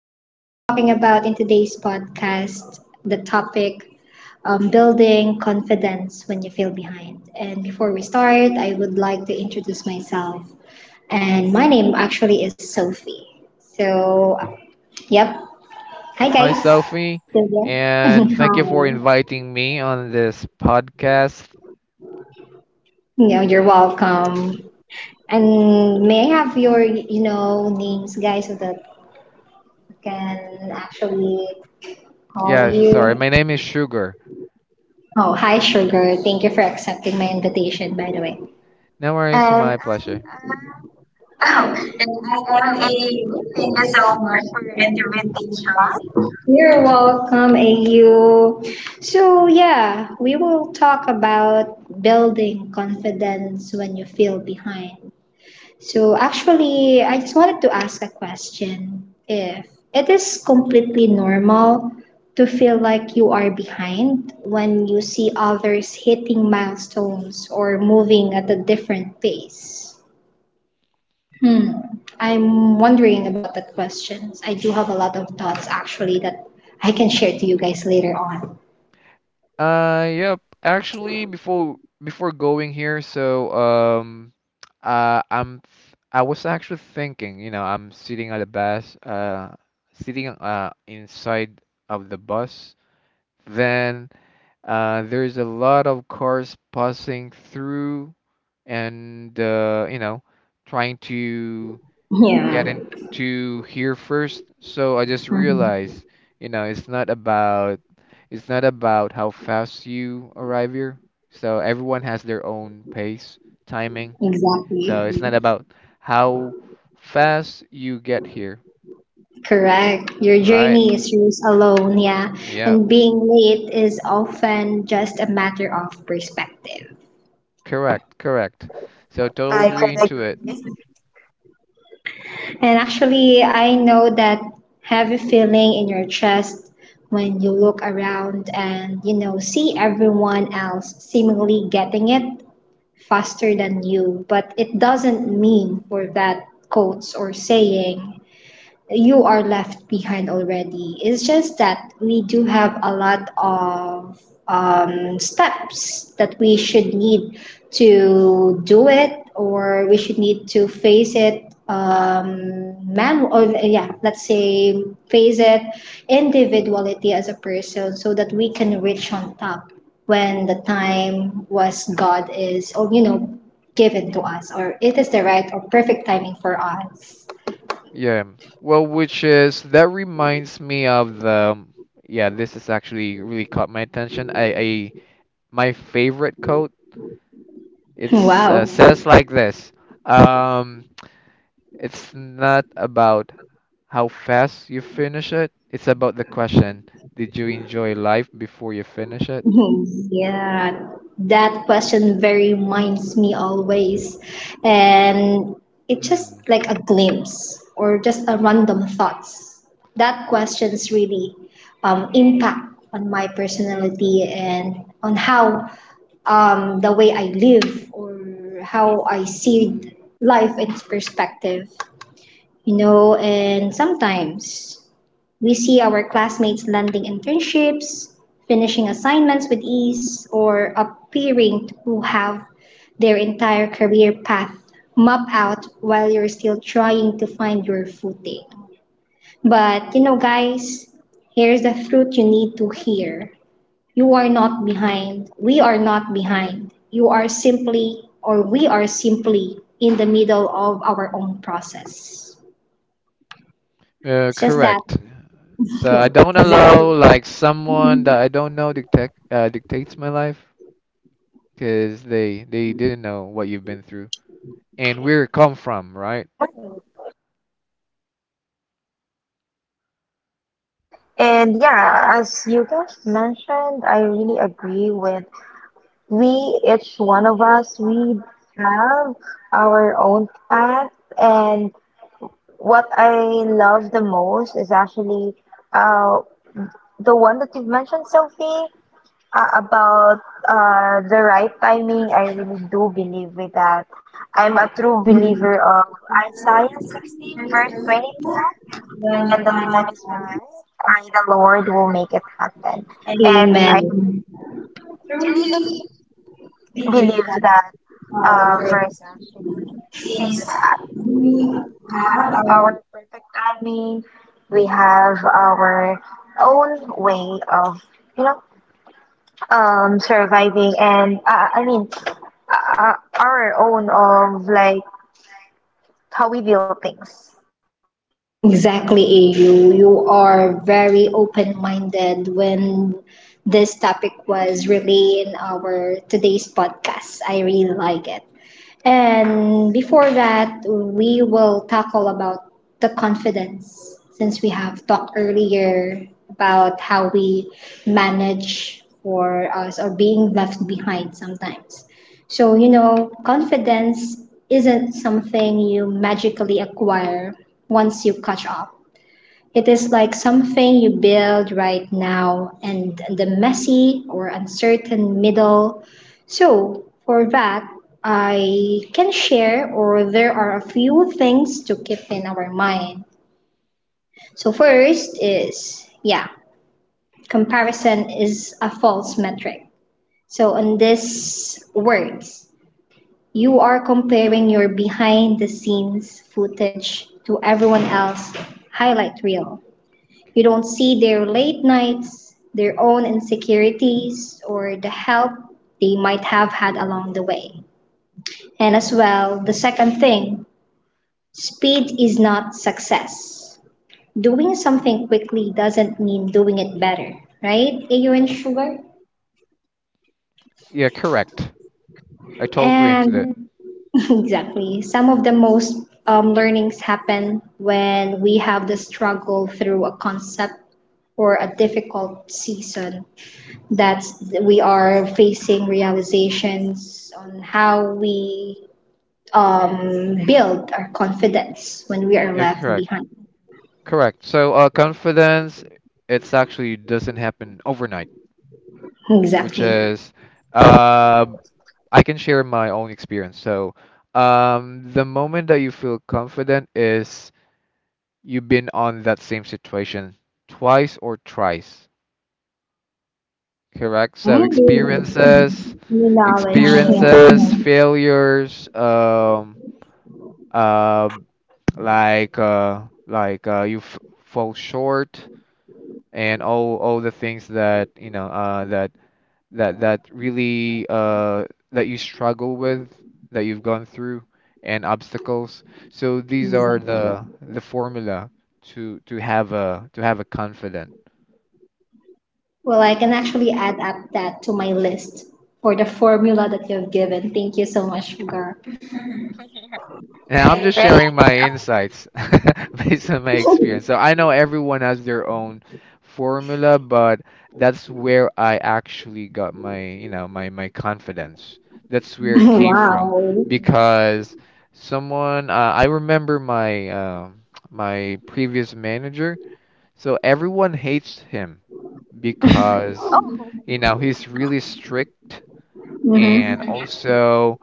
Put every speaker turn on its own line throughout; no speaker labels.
We are talking about in today's podcast the topic building confidence when you feel behind. And before we start, I would like to introduce myself. And my name actually is Sophie. So, yep. Hi,
Hi,
guys.
Sophie,
Sylvia.
and thank
Hi.
you for inviting me on this podcast.
Yeah, you're welcome. And may I have your, names, guys, so that I can actually call
Yeah, sorry,
you?
my name is Sugar.
Oh, hi, Sugar. Thank you for accepting my invitation, by the way.
No worries,
And
my pleasure.
You're welcome, AU. So, yeah, we will talk about building confidence when you feel behind. So, actually, I just wanted to ask a question if it is completely normal to feel like you are behind when you see others hitting milestones or moving at a different pace. Hmm. I'm wondering about that questions. I do have a lot of thoughts actually that I can share to you guys later on.
Yep. Actually, before going here, I was actually thinking, you know, I'm sitting at the bus, sitting inside of the bus. Then there's a lot of cars passing through, and you know, trying to get into here first. So I just realized, you know, it's not about how fast you arrive here. So everyone has their own pace, timing.
Exactly.
So it's not about how fast you get here,
Correct. Your
right?
journey is yours alone, yeah.
Yeah.
And being late is often just a matter of perspective.
Correct. So totally
I
agree
could
And
into it.
agree.
actually, I know that heavy feeling in your chest when you look around and see everyone else seemingly getting it faster than you, but it doesn't mean for that quotes or saying you are left behind already. It's just that we do have a lot of steps that we should need to do it, or we should need to face it man or yeah, let's say face it individuality as a person so that we can reach on top when the time was god is, or given to us, or it is the right or perfect timing for us.
Yeah. Well, which is that reminds me of the yeah, this is actually really caught my attention. I my favorite quote. It's
Wow.
says like this. Um, it's not about how fast you finish it. It's about the question, did you enjoy life before you finish it?
Yeah, that question very reminds me always. And it's just
Mm,
like a glimpse or just a random thoughts. That questions really
mm,
impact on my personality and on how, the way I live or how I see
mm.
life in its perspective, you know, and sometimes we see our classmates landing internships, finishing assignments with ease, or appearing to have their entire career path mapped out while you're still trying to find your footing. But you know, guys, here's the truth you need to hear. You are not behind. We are not behind. You are simply, or we are simply, in the middle of our own process. It's just that.
Correct. So I don't allow
Exactly.
like someone that I don't know dictate dictates my life. Because they didn't know what you've been through and where it come from, right?
Right, I could agree with that. And yeah, as you guys mentioned, I really agree with we, each one of us, we have our own path. And what I love the most is actually uh, the one that you've mentioned, Sophie. About the right timing, I really do believe with that. I'm a true believer of Isaiah 16, verse 22. When the time is right, I, the Lord, will make it happen. And
Amen.
I truly believe that verse actually, since we have our perfect timing, we have our own way of, you know, surviving. And I mean, uh, our own of like how we build things.
Exactly, AU. You are very open minded when this topic was really in our today's podcast. I really like it. And before that, we will tackle about the confidence since we have talked earlier about how we manage for us or being left behind sometimes. So, you know, confidence isn't something you magically acquire once you catch up. It is like something you build right now and the messy or uncertain middle. So, for that, I can share, or there are a few things to keep in our mind. So, first is, yeah, comparison is a false metric. So, on this words, you are comparing your behind the scenes footage to everyone else's highlight reel. You don't see their late nights, their own insecurities, or the help they might have had along the way. And as well, the second thing, speed is not success. Doing something quickly doesn't mean doing it better, right, Ayo and Sugar?
Yeah, correct. I totally agree into that.
And exactly. Some of the most learnings happen when we have the struggle through a concept or a difficult season that we are facing realizations on how we, build our confidence when we are
Yeah,
left
correct,
behind.
correct. So confidence, it's actually doesn't happen overnight, which
Exactly.
is
Right.
uh, I can share my own experience. So the moment that you feel confident is you've been on that same situation twice or thrice. Correct. So
Mm,
experiences,
new knowledge. Yeah.
experiences, failures, uh, you fall short, and all the things that you know that really that you struggle with, that you've gone through, and obstacles. So these are
Exactly.
the formula to have a to have a confident.
Well, I can actually add up that to my list for the formula that you have given. Thank you so much, Gar.
Now I'm just
Right.
sharing my insights based on my experience. So I know everyone has their own formula, but that's where I actually got my, you know, my confidence. That's where it came from,
Wow.
because someone, I remember my my previous manager. So everyone hates him because,
Oh,
you know, he's really strict, and
Mm-hmm.
also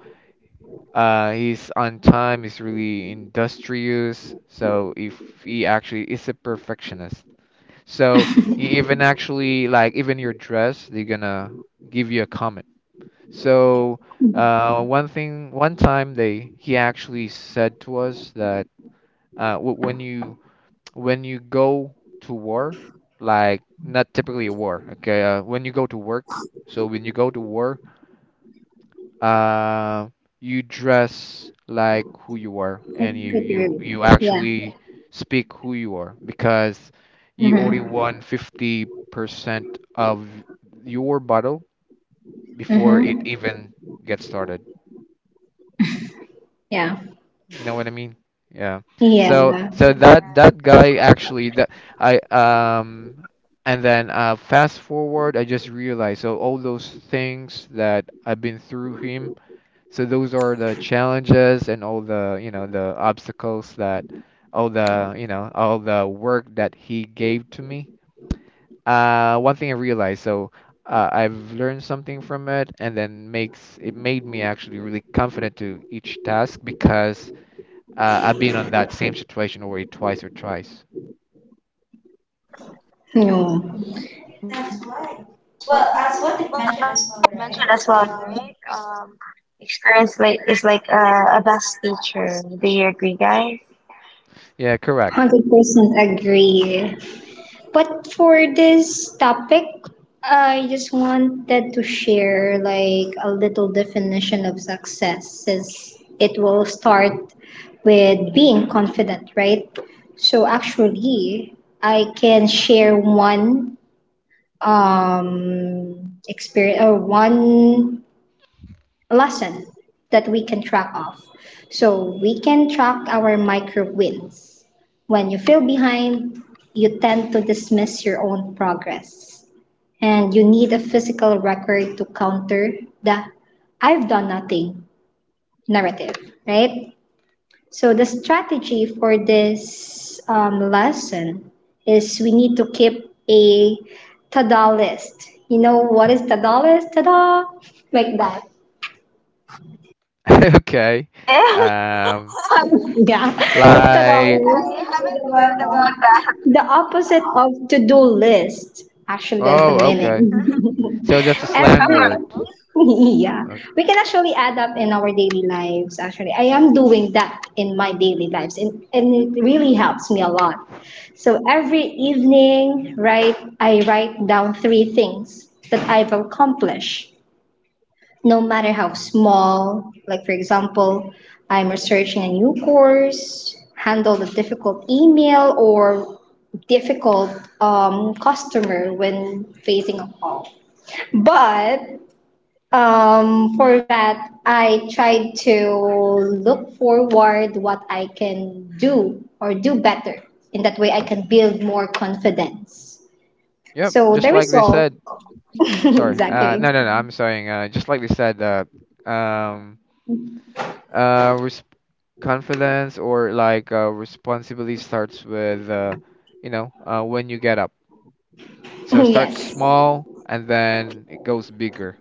he's on time. He's really industrious. So if he actually is a perfectionist, so he even actually like even your dress, they're gonna give you a comment. So one thing, one time they he actually said to us that when you go to war, like not typically a war, okay? When you go to work, so when you go to war, uh, you dress like who you are,
It's
and you
good to hear.
you you
Yeah.
actually speak who you are, because you already
Mm-hmm.
won 50% of your battle before it
Mm-hmm.
even gets started.
Yeah.
You know what I mean? Yeah.
Yeah.
So that
yeah.
guy actually, that I and then fast forward, I just realized, so all those things that I've been through him. So those are the challenges and all the, you know, the obstacles that all the, you know, all the work that he gave to me. One thing I realized, so I've learned something from it, and then makes it made me actually really confident to each task, because I've been on that same situation already twice or thrice.
No.
Mhm. That's right. Well, as what is mentioned as well, right? Experience like is like a best teacher. Do you agree, guys?
Yeah, correct.
100% agree. But for this topic, I just wanted to share like a little definition of success since it will start with being confident, right? So actually, I can share one experience or one lesson that we can track off. So we can track our micro wins. When you feel behind, you tend to dismiss your own progress. And you need a physical record to counter the "I've done nothing" narrative, right? So the strategy for this lesson is we need to keep a to-do list. You know what is to-do list? Ta-da! Like that.
Okay.
I
Um,
Yeah,
like,
$Tictadores.
haven't heard about that.
The opposite of to-do list. Actually, that is the
oh, okay.
meaning.
So that's a slang
Every
word.
Alright.
yeah,
Uh,
we can actually add up in our daily lives. Actually, I am doing that in my daily lives, and, it really helps me a lot. So every evening, right, I write down 3 things that I've accomplished no matter how small. Like, for example, I'm researching a new course, handle a difficult email or difficult, customer when facing a call. But, for that, I try to look forward what I can do or do better. In that way, I can build more confidence.
yep,
So
just
the
like they
result,
said. Sorry.
exactly.
No, no, no. I'm saying, just like they said, um, res confidence or like responsibility starts with, you know, when you get up. So start
Yes,
small, and then it goes bigger.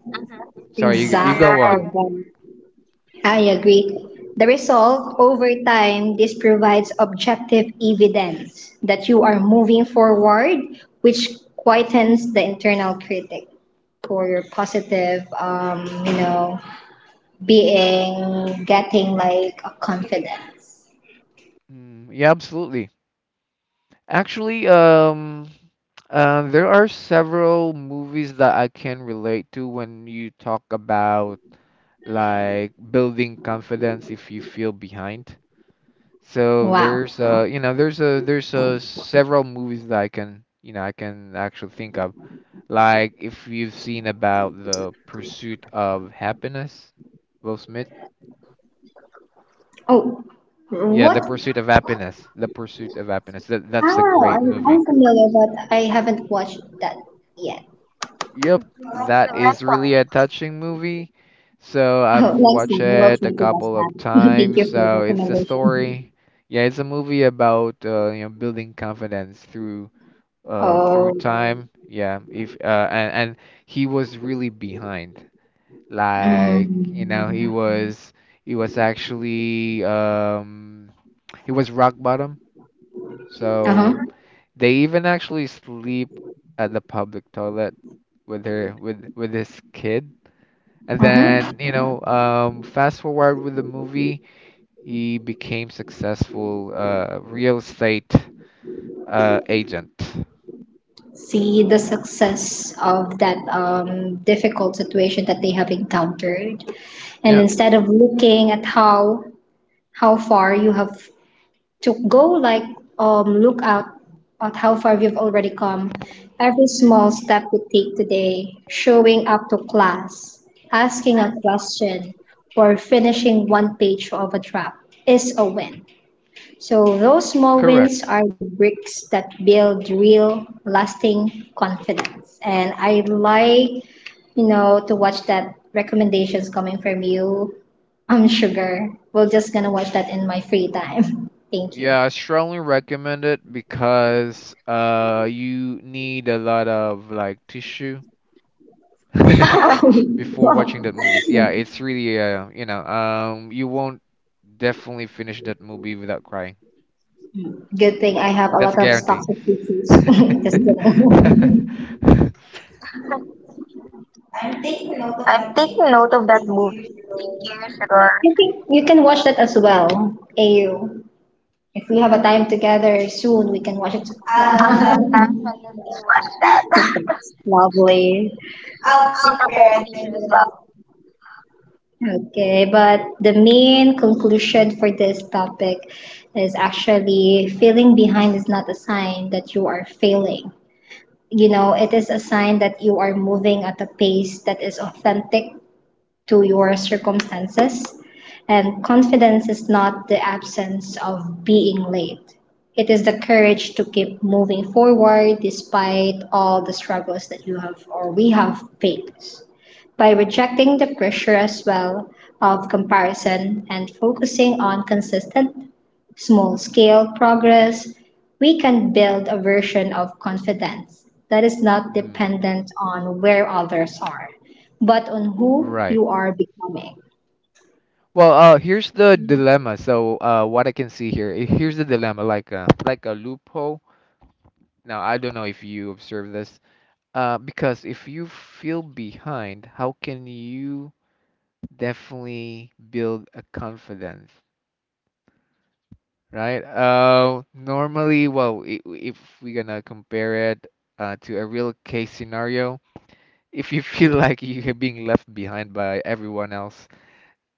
Sorry, you
exactly.
go on.
I agree. The result, over time, this provides objective evidence that you are moving forward, which quietens the internal critic for your positive, being, getting like a confidence.
Yeah, absolutely. Actually, there are several movies that I can relate to when you talk about like building confidence if you feel behind. So
Wow.
there's you know, there's a several movies that I can, you know, I can actually think of. Like if you've seen about The Pursuit of Happiness, Will Smith.
Oh,
Yeah, The
what?
Pursuit of Happiness. That that's a
Oh,
great movie.
I'm familiar, but I haven't watched that yet.
Yep, that is really a
Alright.
touching movie. So
Oh, next
I've watched
time I will
it a
try to watch
couple
that.
of
Thank
times.
you for the
So it's a
recommendation.
story. Yeah, it's a movie about, you know, building confidence through
Oh,
Mm-hmm. Time, yeah. if And he was really behind, like, you
mm.
know, he Mm-hmm. was he was actually he was rock bottom. So
Uh-huh.
they even actually sleep at the public toilet with her with his kid. And
Uh-huh.
then, you know, fast forward with the movie, he became successful real estate agent.
See the success of that difficult situation that they have encountered. And
Yeah,
instead of looking at how far you have to go, like look out at how far you've already come. Every small step you take today, showing up to class, asking a question, or finishing one page of a draft is a win. So those small wins
correct.
are the bricks that build real lasting confidence. And I like, you know, to watch that recommendations coming from you. I'm sugar. We're just gonna watch that in my free time. Thank you.
Yeah, I strongly recommend it, because you need a lot of like tissue
Oh,
before watching
Likewise.
wow.
that movies. Yeah, it's really, you know, you won't definitely finish that movie without crying.
Good
Mm,
thing I have a
that's a
lot of
guarantee.
stocks of PCs. Just kidding.
I'm taking note of that movie. Thank you, Shagor.
I think you can watch that as well, AU. If we have a time together soon, we can watch it. Lovely. Okay, but the main conclusion for this topic is actually feeling behind is not a sign that you are failing. You know, it is a sign that you are moving at a pace that is authentic to your circumstances. And confidence is not the absence of being late. It is the courage to keep moving forward despite all the struggles that you have or we have faced. By rejecting the pressure as well of comparison and focusing on consistent small scale progress, we can build a version of confidence that is not
Mm,
dependent on where others are, but on who
right.
you are becoming.
Well, here's the dilemma. So, what I can see here, here's the dilemma, like a loophole. Now, I don't know if you observe this. Because if you feel behind, how can you definitely build a confidence, right? Normally, well, if we're gonna compare it to a real case scenario, if you feel like you're being left behind by everyone else,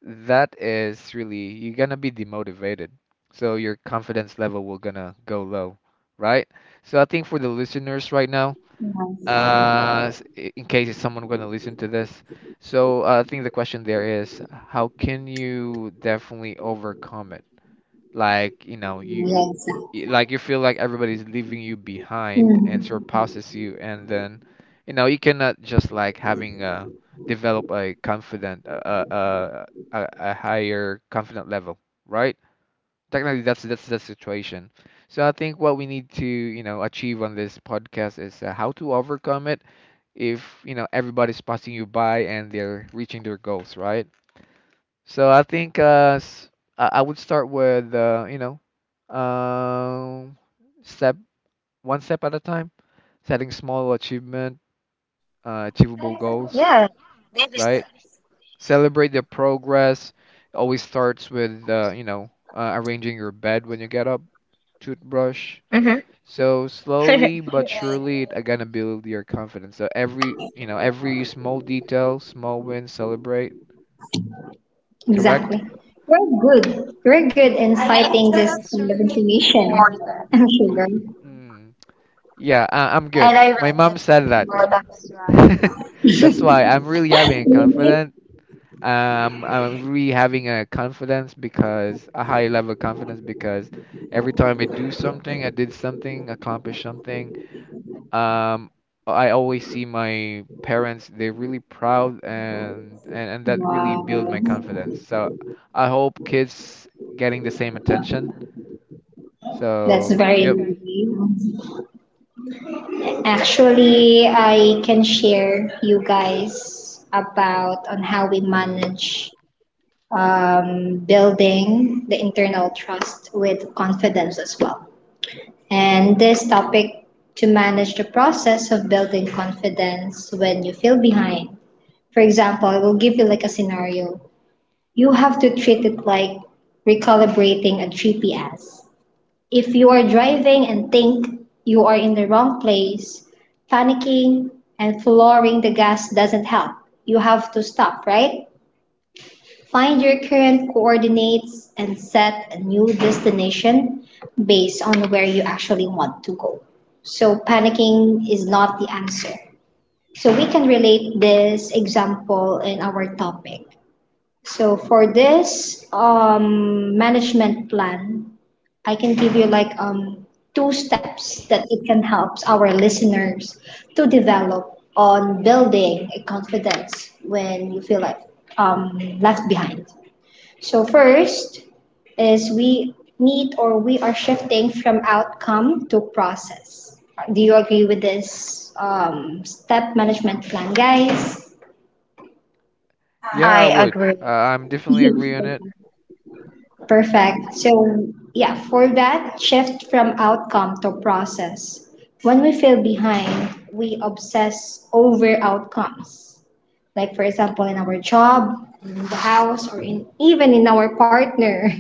that is really, you're gonna be demotivated. So your confidence level will gonna go low, right? So I think for the listeners right now,
Yes,
in case it's someone going to listen to this. So I think the question there is, how can you definitely overcome it? Like, you know,
yes.
you like you feel like everybody's leaving you behind and
Mm,
surpasses you, and then, you know, you cannot just like having a develop a confident, a higher confident level, right? Technically, that's the situation. So I think what we need to, you know, achieve on this podcast is how to overcome it if you know everybody's passing you by and they're reaching their goals, right? So I think I would start with, you know, um, step one step at a time, setting small achievement, achievable goals,
Yeah.
right? Celebrate the progress. Always starts with, you know, arranging your bed when you get up, toothbrush.
Hmm.
So slowly but surely, it's gonna build your confidence. So every, you know, every small detail, small win, celebrate, correct?
exactly. You're good. You're good in fighting this kind of information. I'm sure.
Mm. Yeah, I'm good.
And I
My
read
mom
that's
said
really
that.
important as well.
That's why I'm really having
Really?
confident. I'm really having a confidence, because a high level confidence, because every time I do something, I did something, accomplish something. Um, I always see my parents; they're really proud, and that really
Wow.
build my confidence. So I hope kids getting the same attention.
That's
So
very
yep.
lovely. Actually, I can share you guys about on how we
Mm.
manage, building the internal trust with confidence as well. And this topic to manage the process of building confidence when you feel behind. For example, I will give you like a scenario. You have to treat it like recalibrating a GPS. If you are driving and think you are in the wrong place, panicking and flooring the gas doesn't help. You have to stop, right? Find your current coordinates and set a new destination based on where you actually want to go. So, panicking is not the answer. So, we can relate this example in our topic. So, for this management plan, I can give you like, two steps that it can help our listeners to develop on building a confidence when you feel like, left behind. So first is we need or we are shifting from outcome to process. Do you agree with this step management plan, guys?
Yeah, I
I
would.
agree.
I'm definitely agree on it.
Perfect. So, yeah, for that shift from outcome to process, when we feel behind, we obsess over outcomes. Like, for example, in our job, in the house, or in even in our partner.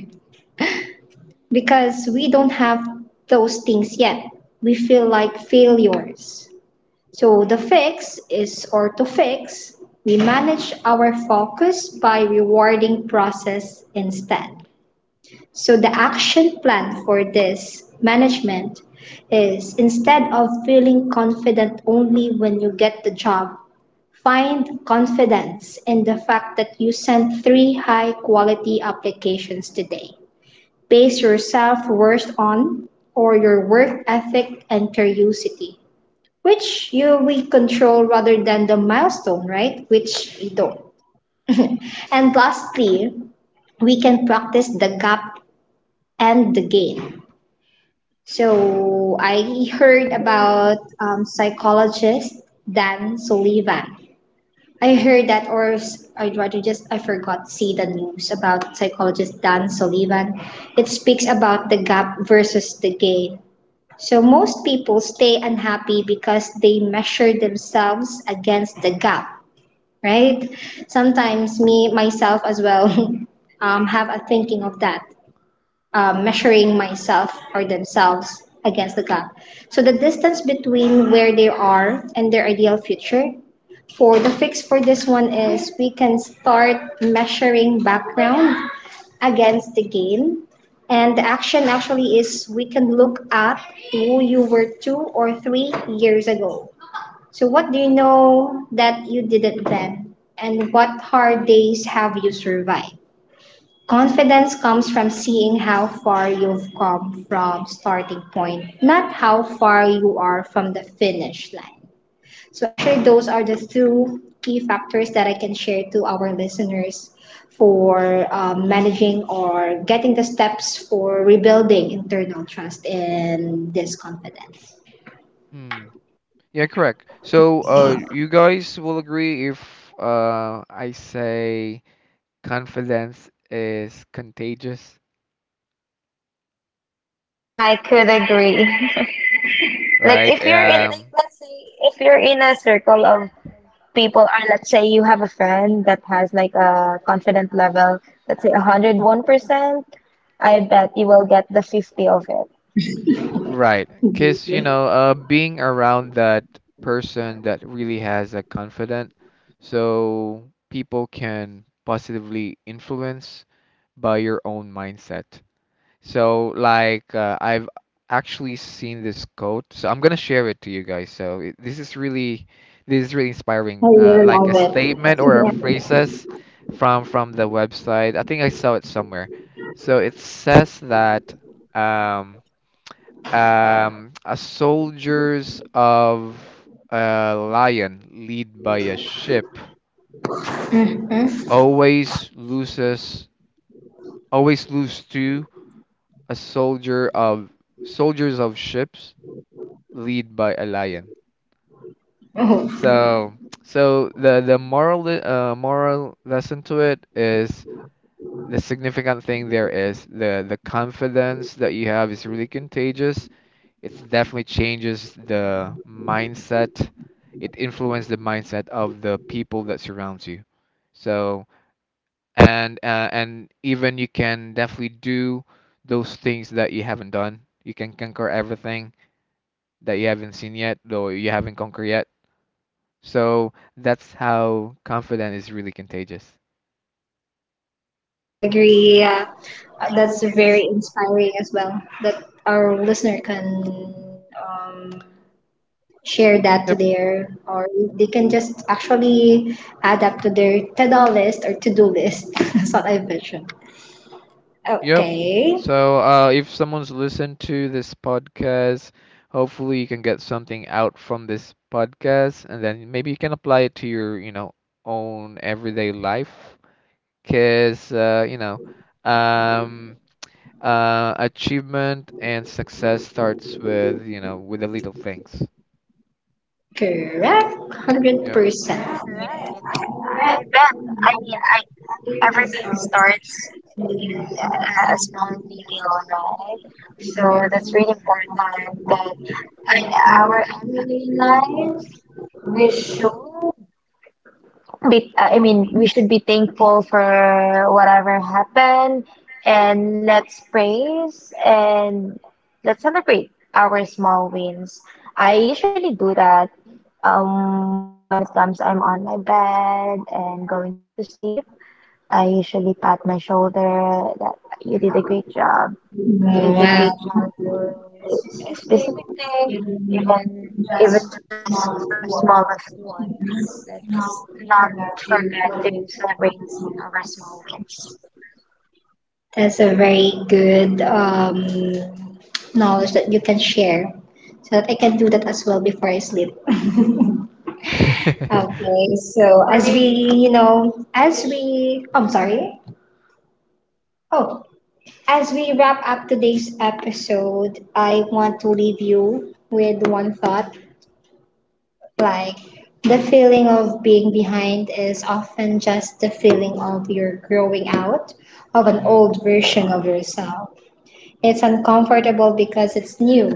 Because we don't have those things yet. We feel like failures. So the fix is orthofix. We manage our focus by rewarding process instead. So the action plan for this management is instead of feeling confident only when you get the job, find confidence in the fact that you sent 3 high quality applications today. Base your self worth on or your work ethic and curiosity, which you we control rather than the milestone, right? Which we don't. And lastly, we can practice the gap and the gain. So I heard about, psychologist Dan Sullivan. I heard that, or I I'd rather just I forgot see the news about psychologist Dan Sullivan. It speaks about the gap versus the gain. So most people stay unhappy because they measure themselves against the gap, right? Sometimes me myself as well have a thinking of that, measuring myself or themselves against the gap. So the distance between where they are and their ideal future. For the fix for this one is we can start measuring background against the gain. And the action actually is we can look at who you were 2 or 3 years ago. So, what do you know that you didn't then? And what hard days have you survived? Confidence comes from seeing how far you've come from starting point, not how far you are from the finish line. So actually, those are the two key factors that I can share to our listeners for managing or getting the steps for rebuilding internal trust and this confidence.
Hmm. Yeah, correct. So, you guys will agree if I say confidence is contagious,
I could agree. Like
right?
if you're in like, let's say if you're in a circle of people, or let's say you have a friend that has like a confident level, let's say 101%, I bet you will get the 50 of it.
Right. 'Cause you know, being around that person that really has a confident, so people can positively influence by your own mindset. So like, I've actually seen this quote, so I'm gonna share it to you guys. So this is really
I
inspiring,
really
like
love
a statement or a
it.
phrases from the website. I think I saw it somewhere. So it says that, um, a soldiers of a lion lead by a ship
Yeah. Mhm.
always loses, always lose to a soldier of soldiers of ships lead by a lion.
Oh,
So, so the moral lesson to it is the significant thing there is the confidence that you have is really contagious. It definitely changes the mindset. It influences the mindset of the people that surrounds you. So, and even you can definitely do those things that you haven't done. You can conquer everything that you haven't seen yet, though you haven't conquered yet. So that's how confident is really contagious.
I agree. Yeah.
I agree
That's
with
very
you.
inspiring as well that our listener can um, share that to
Yep.
their or they can just actually add up to their to-do list or to-do list that's what I mentioned.
Yep.
Okay.
So if someone's listened to this podcast, hopefully you can get something out from this podcast, and then maybe you can apply it to your, you know, own everyday life. Cause, you know, um, achievement and success starts with, you know, with the little things.
Correct,
Yep.
100%.
Right. I bet. I mean, I, everything starts in a small detail, right? So
Yeah.
that's really important that in our everyday life, we should be, I mean, we should be thankful for whatever happened, and let's praise and let's celebrate our small wins. I usually do that when it comes I'm on my bed and going to sleep. I usually pat my shoulder that you did a great job, it is a
Wow,
great job for a specific thing, even even just for a smallest one. Let's not forget to celebrate our small wins.
that's a very good knowledge that you can share so that I can do that as well before I sleep. Okay, so as we you know as we I'm sorry. Oh. As we wrap up today's episode, I want to leave you with one thought, like, the feeling of being behind is often just the feeling of you're growing out of an
Mm.
old version of yourself. It's uncomfortable because it's new.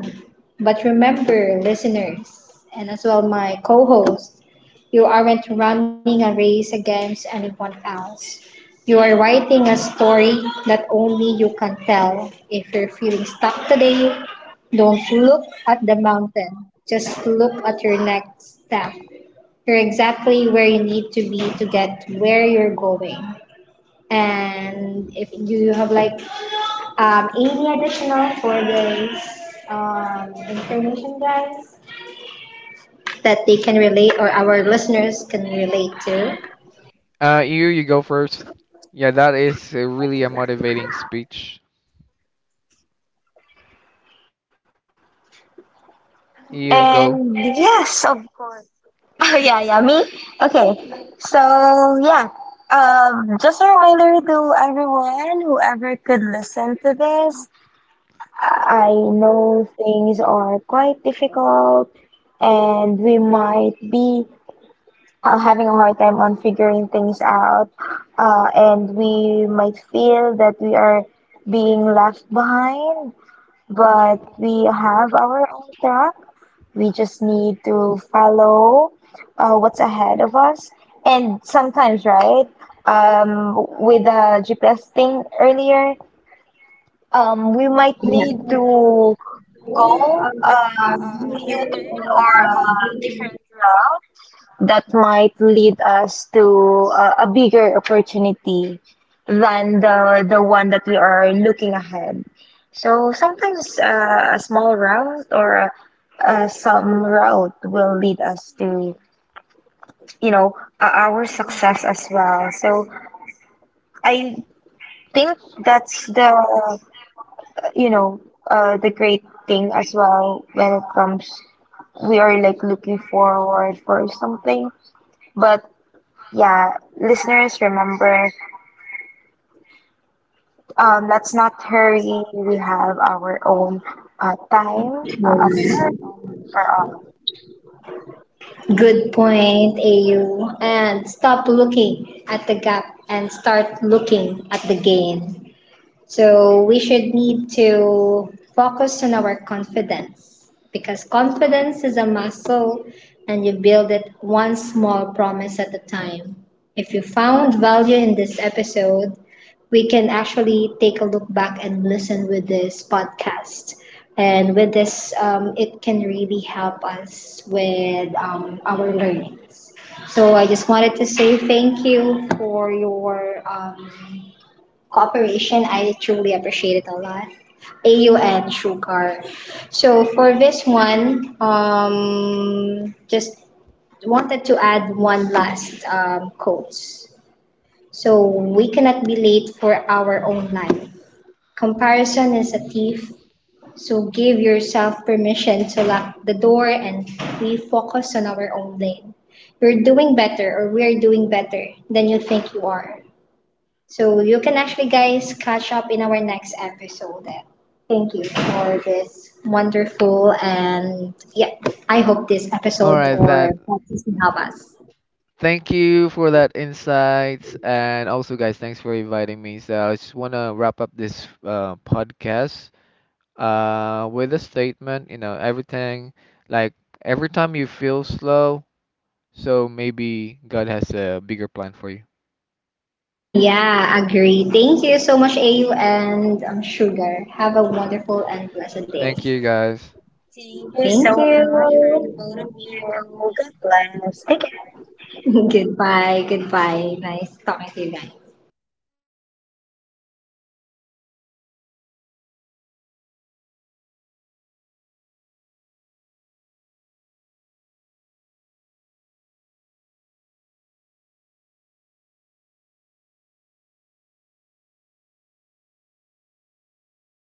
But remember, listeners, and as well my co host, you aren't running a race against anyone else. You are writing a story that only you can tell. If you're feeling stuck today, don't look at the mountain, just look at your next step. You're exactly where you need to be to get where you're going. And if you have like any additional for this information, guys, that they can relate or our listeners can relate to?
You go first. Yeah, that is really a motivating speech. You go.
And yeah, so yeah, me. Okay, so yeah. Just a reminder to everyone, whoever could listen to this. I know things are quite difficult, and we might be having a hard time on figuring things out, and we might feel that we are being left behind, but we have our own track. We just need to follow what's ahead of us. And sometimes, right, with the GPS thing earlier, we might need to go turn or a different route that might lead us to a bigger opportunity than the one that we are looking ahead. So sometimes a small route or some route will lead us to, you know, our success as well. So I think that's the, you know, the great thing as well when it comes, we are like looking forward for something. But yeah, listeners, remember. Let's not hurry. We have our own time, a perfect time for all.
Good point, AU. And stop looking at the gap and start looking at the gain. So we should need to focus on our confidence because confidence is a muscle and you build it one small promise at a time. If you found value in this episode, we can actually take a look back and listen with this podcast. And with this, it can really help us with our learnings. So I just wanted to say thank you for your cooperation. I truly appreciate it a lot. AU and Sugar. So for this one, just wanted to add one last quote. So we cannot be late for our own life. Comparison is a thief. So give yourself permission to lock the door and we focus on our own lane. You're doing better or we're doing better than you think you are. So you can actually, guys, catch up in our next episode. Thank you for this wonderful and yeah, I hope this
All
episode
right,
or
that.
podcast will help us.
Thank you for that insight, and also, guys, thanks for inviting me. So I just want to wrap up this podcast with a statement. You know, everything, like every time you feel slow, so maybe God has a bigger plan for you.
Yeah, agree. Thank you so much, AU and Sugar. Have a wonderful and blessed day.
Thank you, guys.
Thank you
Thank
so much for the
you.
both of you. Good bless. Thank you.
Goodbye. Goodbye. Nice talking to you guys.